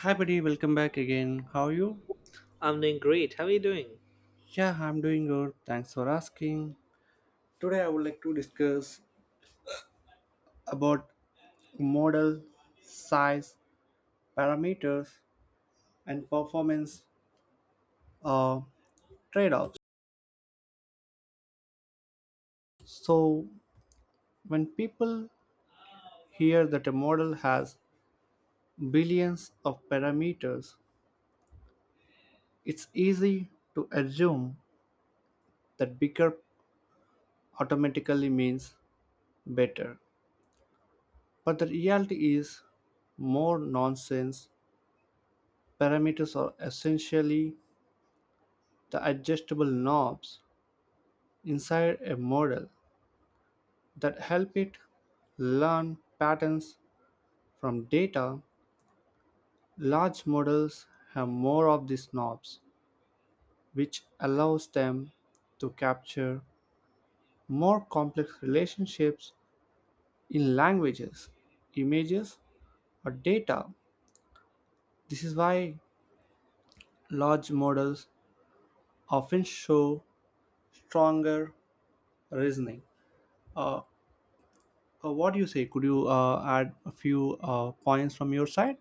Hi, buddy. Welcome back again. How are you? I'm doing great. How are you doing? Yeah, I'm doing good. Thanks for asking. Today, I would like to discuss about model, size, parameters, and performance uh, trade-offs. So, when people hear that a model has billions of parameters, it's easy to assume that bigger automatically means better. But the reality is more nonsense. Parameters are essentially the adjustable knobs inside a model that help it learn patterns from data. Large models have more of these knobs, which allows them to capture more complex relationships in languages, images, or data. This is why large models often show stronger reasoning. What do you say? Could you add a few points from your side?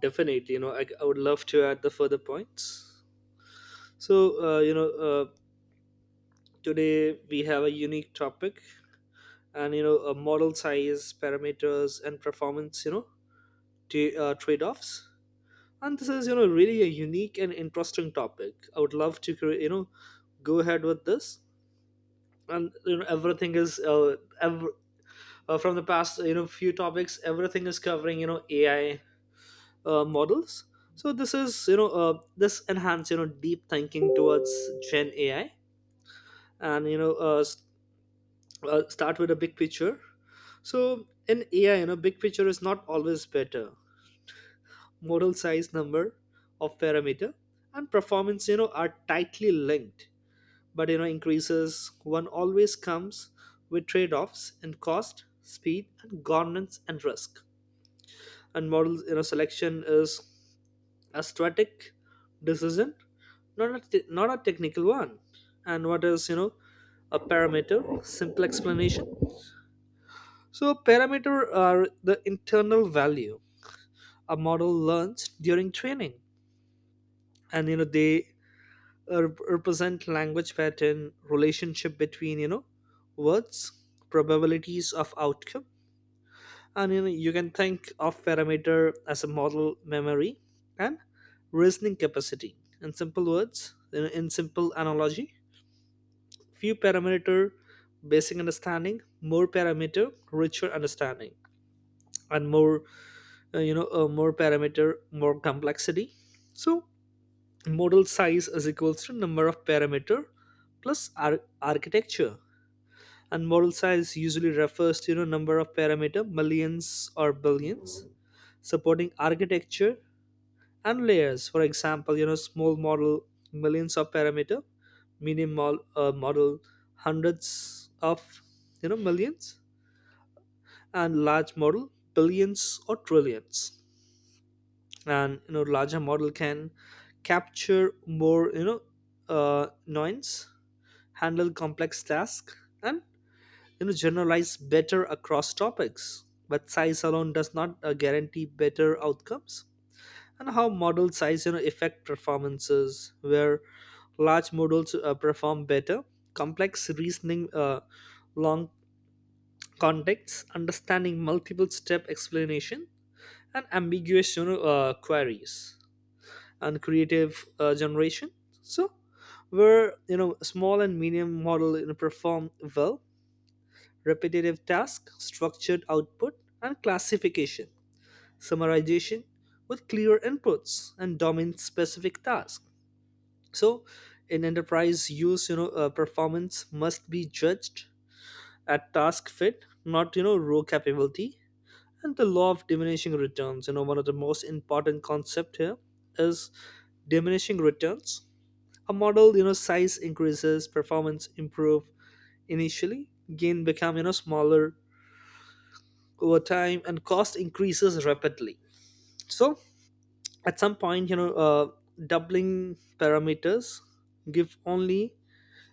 Definitely, I would love to add the further points. So, uh, you know, uh, today we have a unique topic and, model size, parameters, and performance, you know, trade offs. And this is, you know, really a unique and interesting topic. I would love to, go ahead with this. And, you know, everything is, from the past, you know, few topics, everything is covering, you know, AI models. So this is this enhance you know deep thinking towards Gen AI and start with a big picture. So in AI, you know, big picture is not always better. Model size, number of parameter, and performance you know are tightly linked. But you know increases one always comes with trade-offs in cost, speed, and governance and risk. And models you know selection is a strategic decision, not a technical one. And what is you know a parameter simple explanation, so parameter are the internal value a model learns during training. And you know they represent language pattern, relationship between you know words, probabilities of outcome. And you know you can think of parameter as a model memory and reasoning capacity, in simple words, in simple analogy. Few parameter basic understanding, more parameter richer understanding, and more you know more parameter more complexity. So model size is equals to number of parameter plus architecture. And model size usually refers to you know number of parameter, millions or billions, supporting architecture and layers. For example, you know small model, millions of parameter, minimal model, hundreds of you know millions, and large model billions or trillions. And you know larger model can capture more uh, noise, handle complex tasks, and you know generalize better across topics, but size alone does not guarantee better outcomes. And how model size you know affect performances, where large models perform better: complex reasoning, long contexts understanding, multiple step explanation, and ambiguous queries, and creative generation. So where you know small and medium model you know perform well: repetitive task, structured output, and classification, summarization with clear inputs and domain specific tasks. So in enterprise use you know performance must be judged at task fit, not you know row capability. And the law of diminishing returns, you know, one of the most important concept here is diminishing returns. A model you know size increases, performance improve, initially gain become you know smaller over time, and cost increases rapidly. So at some point you know doubling parameters give only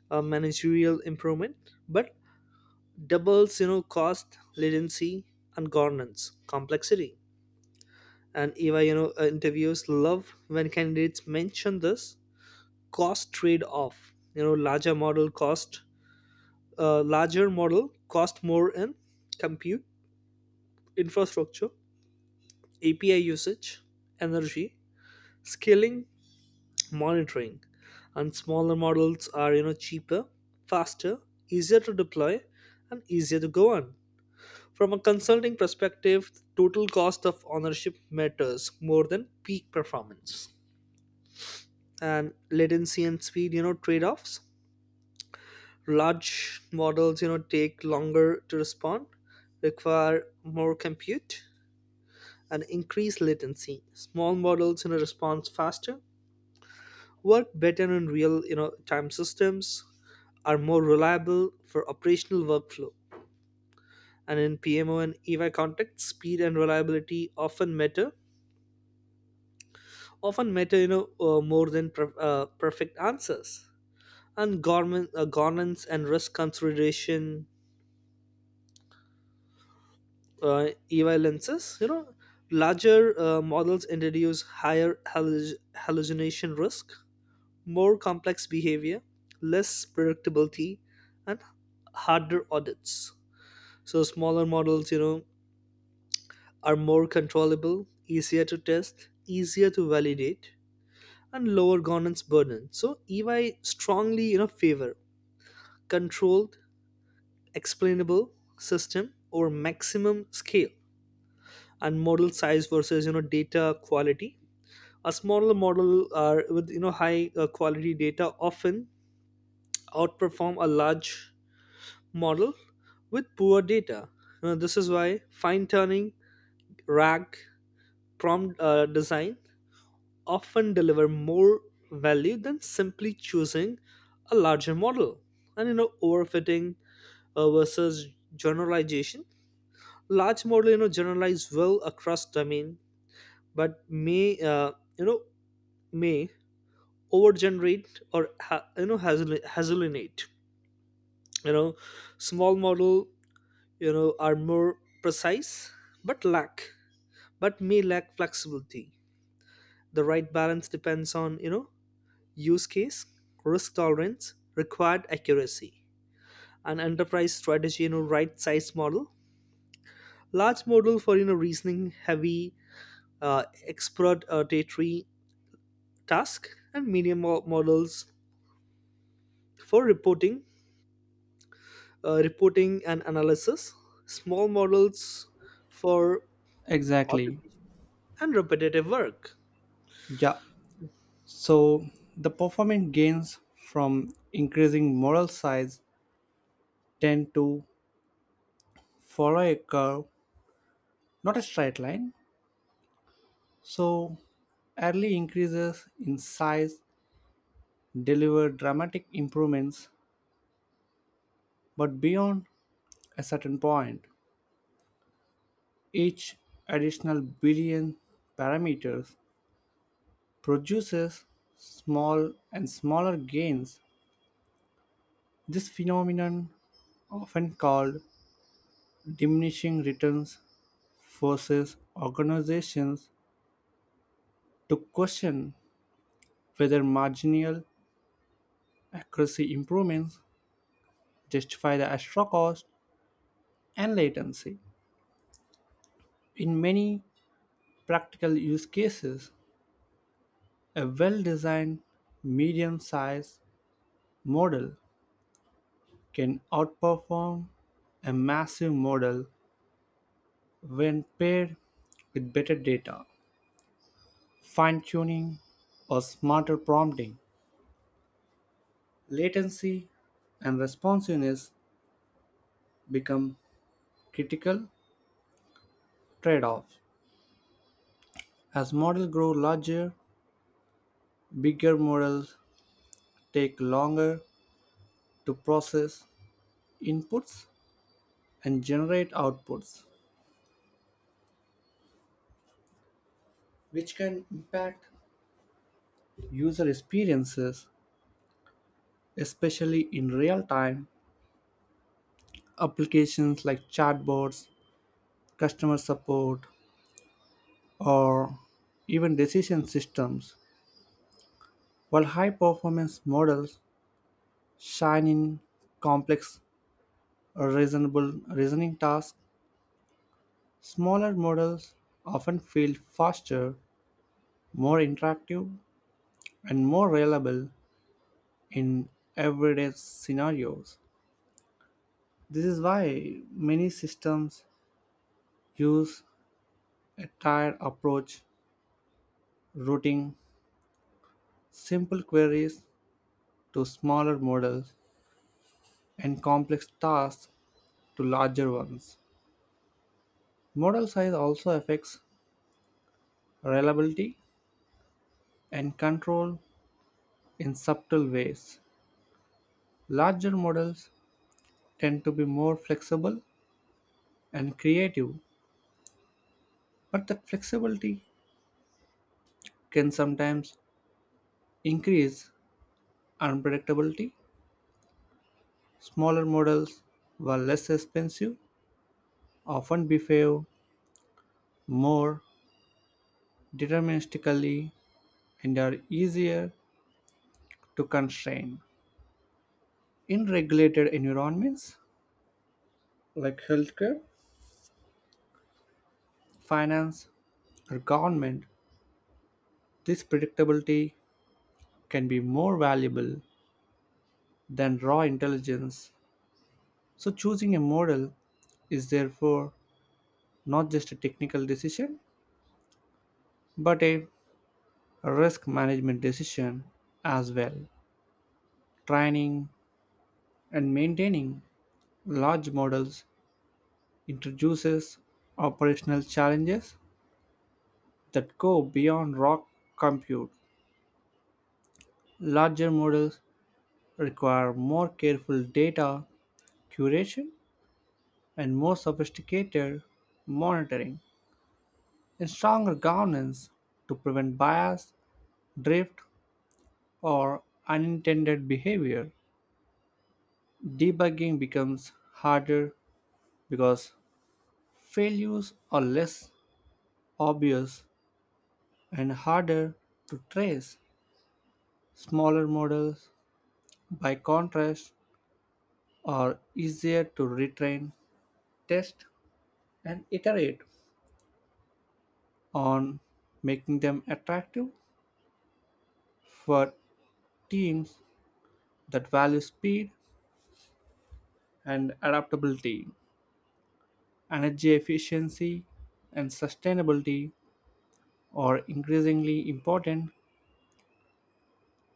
managerial improvement, but doubles you know cost, latency, and governance complexity. And Eva, interviews love when candidates mention this cost trade-off. You know, larger model cost more in compute, infrastructure, API usage, energy, scaling, monitoring. And smaller models are you know cheaper, faster, easier to deploy, and easier to go on. From a consulting perspective, total cost of ownership matters more than peak performance. And latency and speed, you know, trade offs. Large models, you know, take longer to respond, require more compute, and increase latency. Small models, you know, respond faster, work better in real, you know, time systems, are more reliable for operational workflow. And in PMO and EY contexts, speed and reliability often matter you know more than perfect answers. And government governance and risk consideration, evaluances you know larger models introduce higher hallucination risk, more complex behavior, less predictability, and harder audits. So smaller models you know are more controllable, easier to test, easier to validate, and lower governance burden. So EY strongly you know favor controlled, explainable system over maximum scale. And model size versus you know data quality. A smaller model are with you know high quality data often outperform a large model with poor data. You know, this is why fine tuning, RAG, prompt design often deliver more value than simply choosing a larger model. And you know, overfitting versus generalization, large model you know generalize well across domain, but you know may overgenerate or hasalinate, you know. Small model you know are more precise, but lack but may lack flexibility. The right balance depends on you know use case, risk tolerance, required accuracy. An enterprise strategy, you know, right size model: large model for you know reasoning heavy, expert task, and models for reporting, reporting and analysis, small models for Exactly. automation and repetitive work. Yeah. So the performance gains from increasing model size tend to follow a curve, not a straight line. So early increases in size deliver dramatic improvements, but beyond a certain point, each additional billion parameters produces small and smaller gains. This phenomenon, often called diminishing returns, forces organizations to question whether marginal accuracy improvements justify the extra cost and latency. In many practical use cases, a well designed medium sized model can outperform a massive model when paired with better data, fine tuning, or smarter prompting. Latency and responsiveness become critical trade-offs. As models grow larger, bigger models take longer to process inputs and generate outputs, which can impact user experiences, especially in real-time applications like chatbots, customer support, or even decision systems. While high performance models shine in complex a reasonable reasoning task, smaller models often feel faster, more interactive, and more reliable in everyday scenarios. This is why many systems use a tiered approach, routing simple queries to smaller models and complex tasks to larger ones. Model size also affects reliability and control in subtle ways. Larger models tend to be more flexible and creative, but that flexibility can sometimes increase unpredictability. Smaller models, while less expensive, often behave more deterministically and are easier to constrain. In regulated environments like healthcare, finance, or government, this predictability can be more valuable than raw intelligence. So, choosing a model is therefore not just a technical decision, but a risk management decision as well. Training and maintaining large models introduces operational challenges that go beyond raw compute. Larger models require more careful data curation and more sophisticated monitoring and stronger governance to prevent bias, drift, or unintended behavior. Debugging becomes harder because failures are less obvious and harder to trace. Smaller models, by contrast, are easier to retrain, test, and iterate on, making them attractive for teams that value speed and adaptability, energy efficiency, and sustainability or increasingly important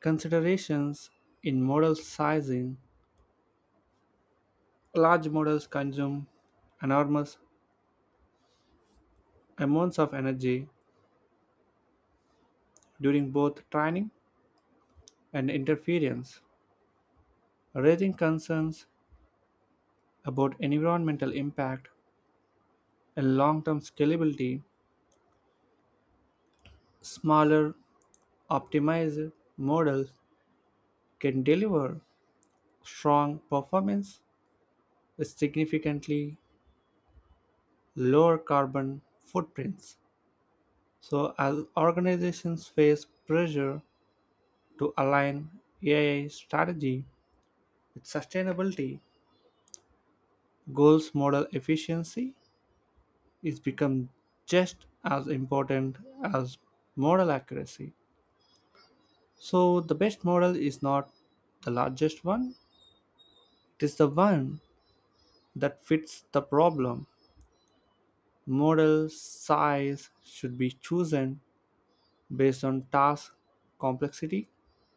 considerations in model sizing. Large models consume enormous amounts of energy during both training and interference, raising concerns about environmental impact and long term scalability. Smaller, optimized models can deliver strong performance with significantly lower carbon footprints. So, as organizations face pressure to align AI strategy with sustainability, goals model efficiency is become just as important as model accuracy. So, the best model is not the largest one, it is the one that fits the problem. Model size should be chosen based on task complexity,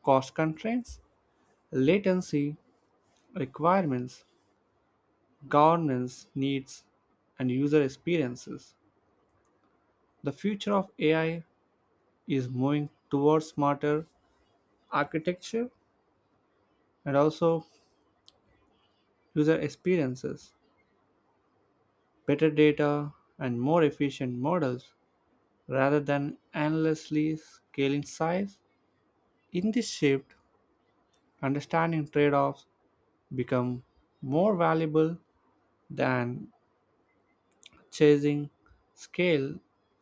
cost constraints, latency requirements, governance needs, and user experiences. The future of AI is moving towards smarter architecture and also user experiences, better data, and more efficient models rather than endlessly scaling size. In this shift, understanding trade offs become more valuable than chasing scale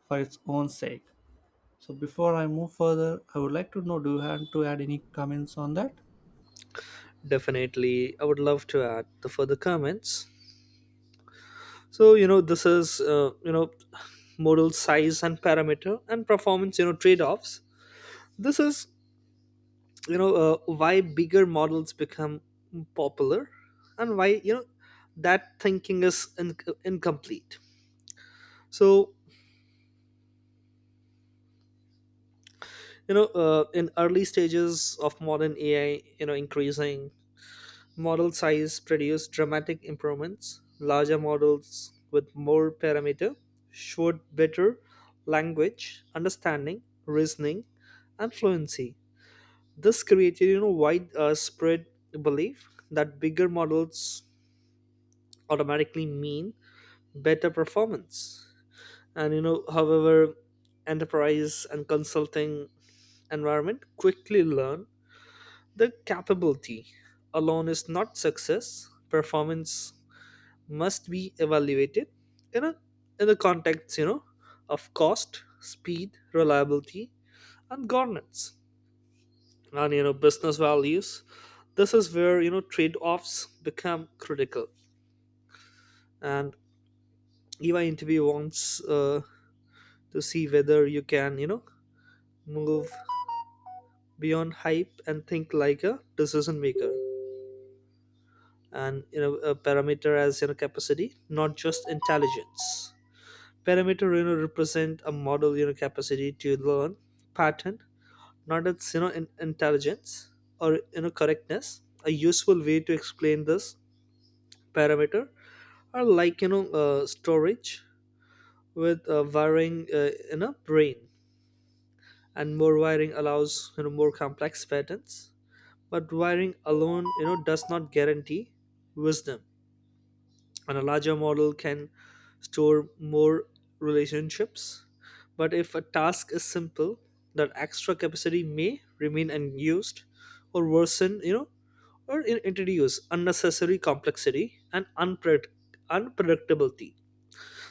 for its own sake. So before I move further, I would like to know, do you have to add any comments on that? Definitely, I would love to add the further comments. So you know this is model size and parameter and performance you know trade-offs. This is why bigger models become popular and why you know that thinking is incomplete. So in early stages of modern AI, you know increasing model size produced dramatic improvements. Larger models with more parameter showed better language understanding, reasoning, and fluency. This created you know wide spread belief that bigger models automatically mean better performance. And you know, however, enterprise and consulting environment quickly learn the capability alone is not success. Performance must be evaluated in a in the context, you know, of cost, speed, reliability, and governance. And you know, business values. This is where you know trade-offs become critical. And EY interview wants to see whether you can, you know, move beyond hype and think like a decision maker. And you know a parameter as you know capacity, not just intelligence. Parameter you know represent a model you know capacity to learn pattern, not its you know intelligence or you know correctness. A useful way to explain this: parameter are like storage with wiring in a brain. And more wiring allows you know more complex patterns, but wiring alone you know does not guarantee wisdom. And a larger model can store more relationships. But if a task is simple, that extra capacity may remain unused or worsen, you know, or introduce unnecessary complexity and unpredictability.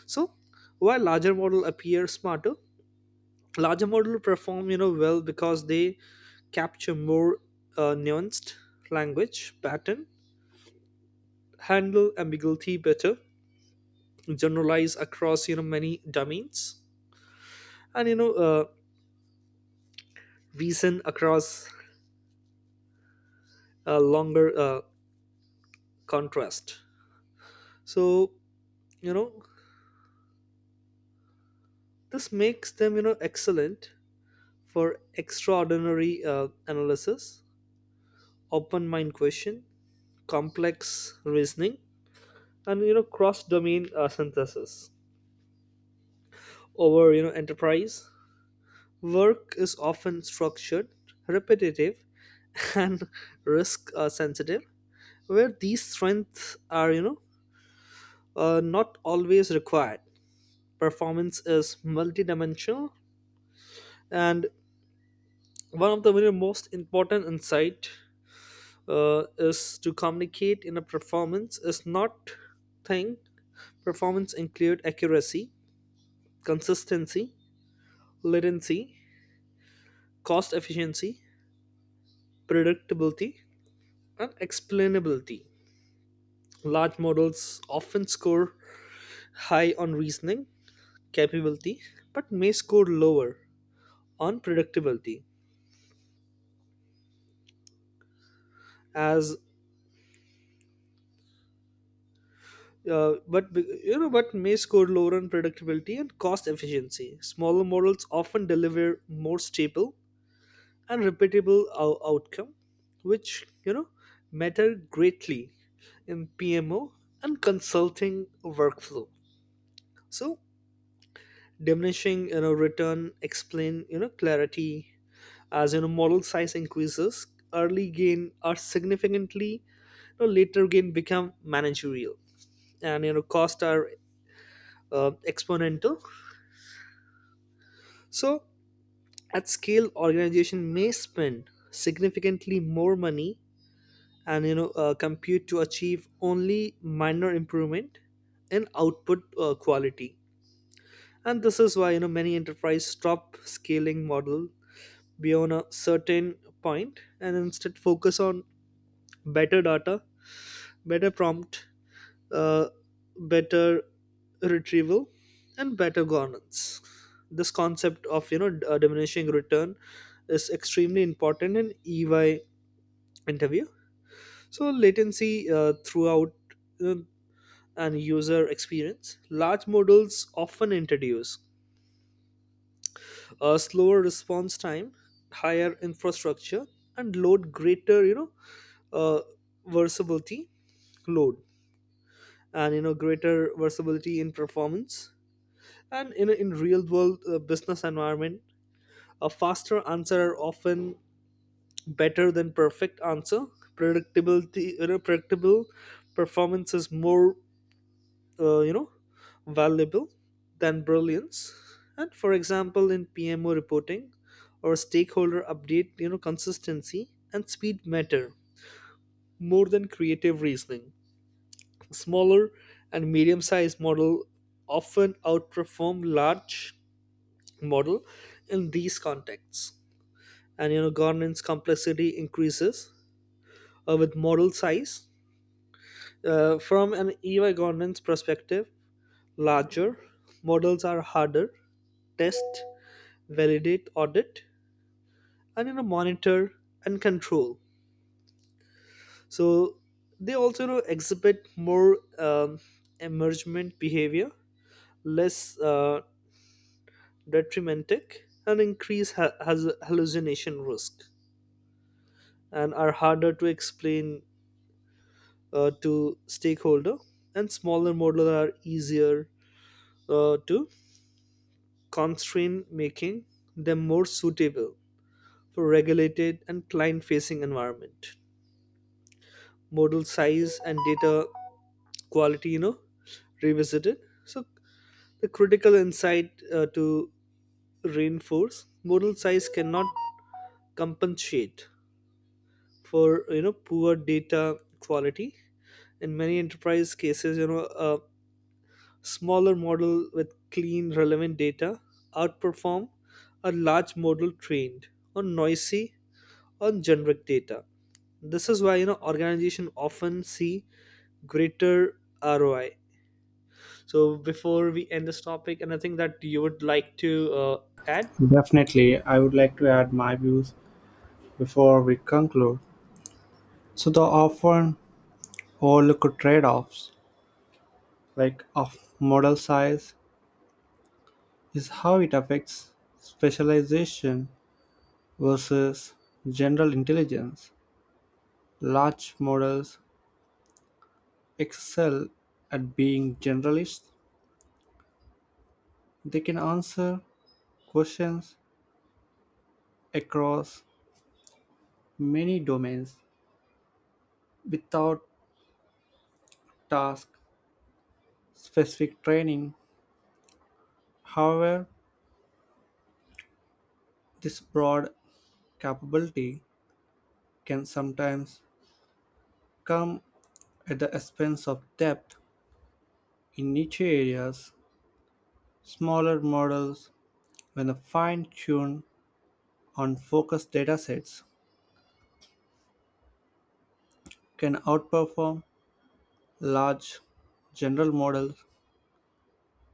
So, while larger model appear smarter, larger model perform, you know, well because they capture more nuanced language pattern, handle ambiguity better, generalize across you know many domains, and reason across a longer contrast. So you know this makes them you know excellent for extraordinary analysis, open mind question, complex reasoning, and you know cross domain synthesis. Over you know enterprise work is often structured, repetitive and risk sensitive, where these strengths are you know not always required. Performance is multidimensional, and one of the very most important insight is to communicate in a performance is not thing. Performance include accuracy, consistency, latency, cost efficiency, predictability, and explainability. Large models often score high on reasoning capability, but may score lower on predictability as Uh, but but may score lower on productivity and cost efficiency. Smaller models often deliver more stable and repeatable outcome, which you know matter greatly in PMO and consulting workflow. So diminishing you know return explain you know clarity as you know model size increases, early gain are significantly, you know, later gain become managerial, and you know cost are exponential. So, at scale, organization may spend significantly more money and you know compute to achieve only minor improvement in output quality. And this is why you know many enterprise stop scaling model beyond a certain point and instead focus on better data, better prompt, uh, better retrieval, and better governance. This concept of you know diminishing return is extremely important in EY interview. So latency, throughout, uh, and user experience, large models often introduce a slower response time, higher infrastructure and load, greater uh, versatility load, and you know greater versatility in performance. And in real world business environment, a faster answer are often better than perfect answer. Predictability, you know, predictable performance is more, uh, you know, valuable than brilliance. And for example, in PMO reporting or stakeholder update, you know, consistency and speed matter more than creative reasoning. Smaller and medium-sized model often outperform large model in these contexts. And you know, governance complexity increases with model size. From an EY governance perspective, larger models are harder test, validate, audit, and you know, monitor and control. So they also you know exhibit more emergent behavior, less detrimentic, and increase ha- has hallucination risk, and are harder to explain to stakeholder. And smaller models are easier to constrain, making them more suitable for regulated and client facing environment. Model size and data quality, you know, revisited. So the critical insight, to reinforce, model size cannot compensate for you know poor data quality. In many enterprise cases, smaller model with clean relevant data outperform a large model trained on noisy, on generic data. This is why you know organizations often see greater ROI. So before we end this topic, anything that you would like to add? Definitely, I would like to add my views before we conclude. So the often overlooked trade-offs, like, of model size is how it affects specialization versus general intelligence. Large models excel at being generalists. They can answer questions across many domains without task specific training. However, this broad capability can sometimes come at the expense of depth in niche areas. Smaller models, when fine tuned on focused datasets, can outperform large general models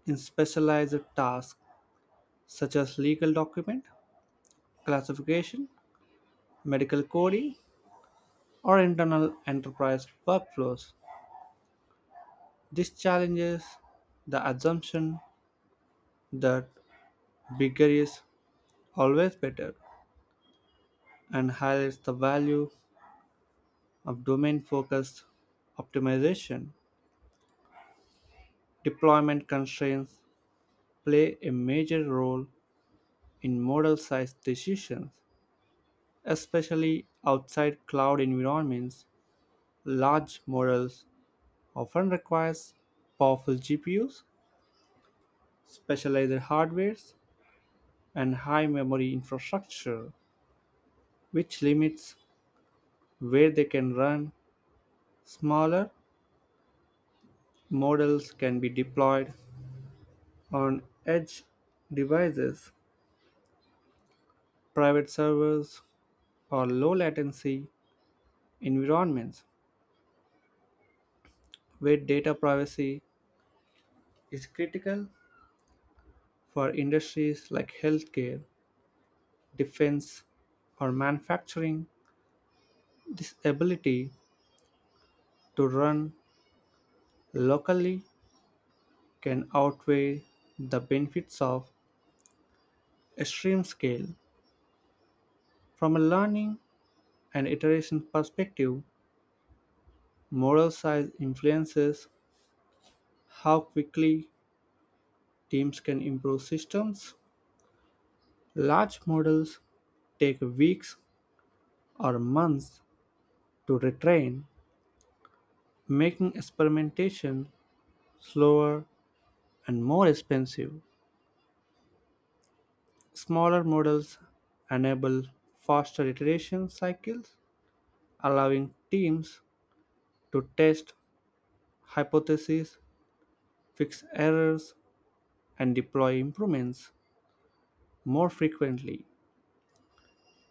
in specialized tasks such as legal document classification, medical coding, or internal enterprise workflows. This challenges the assumption that bigger is always better and highlights the value of domain focused optimization. Deployment constraints play a major role in model size decisions, especially outside cloud environments. Large models often requires powerful GPUs, specialized hardwares, and high memory infrastructure, which limits where they can run. Smaller models can be deployed on edge devices, private servers, or low latency environments where data privacy is critical for industries like healthcare, defense, or manufacturing. This ability to run locally can outweigh the benefits of extreme scale. From a learning and iteration perspective, model size influences how quickly teams can improve systems. Large models take weeks or months to retrain, making experimentation slower and more expensive. Smaller models enable faster iteration cycles, allowing teams to test hypotheses, fix errors, and deploy improvements more frequently.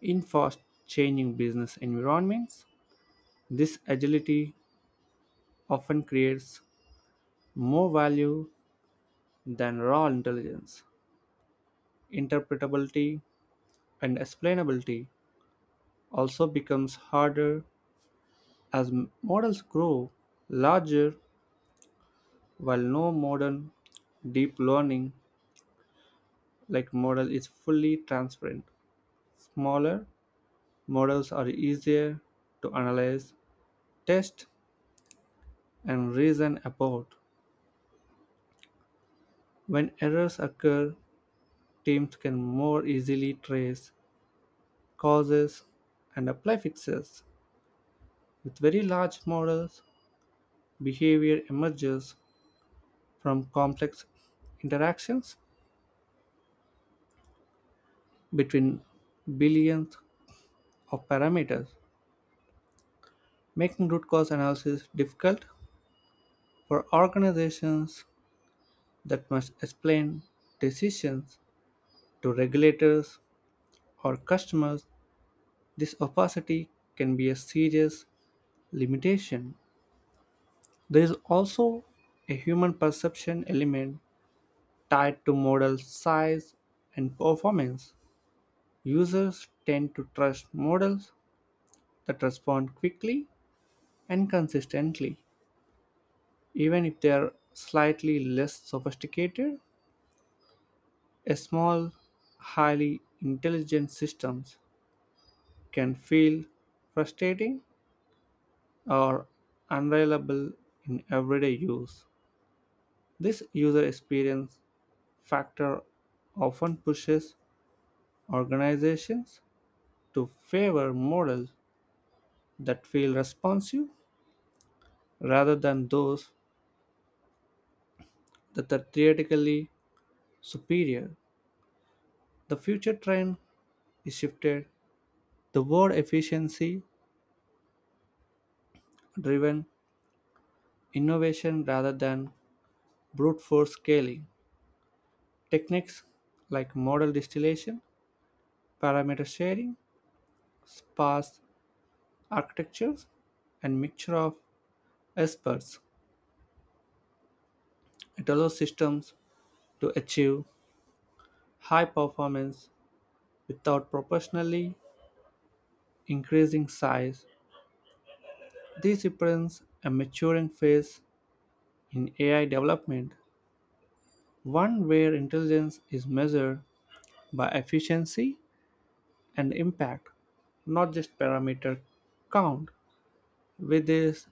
In fast changing business environments, this agility often creates more value than raw intelligence. Interpretability and explainability also becomes harder as models grow larger while no modern deep learning like model is fully transparent. Smaller models are easier to analyze, test, and reason about. When errors occur, teams can more easily trace causes and apply fixes. With very large models, behavior emerges from complex interactions between billions of parameters, making root cause analysis difficult for organizations that must explain decisions to regulators or customers. This opacity can be a serious limitation. There is also a human perception element tied to model size and performance. Users tend to trust models that respond quickly and consistently, even if they are slightly less sophisticated. A small, highly intelligent systems can feel frustrating or unreliable in everyday use. This user experience factor often pushes organizations to favor models that feel responsive rather than those that are theoretically superior. The future trend is shifted toward efficiency driven innovation rather than brute force scaling. Techniques like model distillation, parameter sharing, sparse architectures, and mixture of experts. It allows systems to achieve high performance without proportionally increasing size. This represents a maturing phase in AI development, one where intelligence is measured by efficiency and impact, not just parameter count. With this,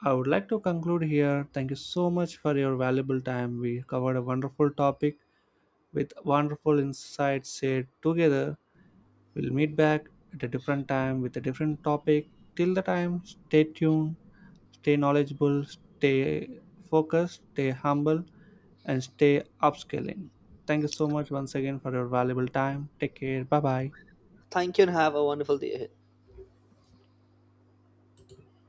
I would like to conclude here. Thank you so much for your valuable time. We covered a wonderful topic with wonderful insights shared together. We'll meet back at a different time with a different topic. Till the time, stay tuned, stay knowledgeable, stay focused, stay humble, and stay upscaling. Thank you so much once again for your valuable time. Take care. Bye bye. Thank you and have a wonderful day ahead.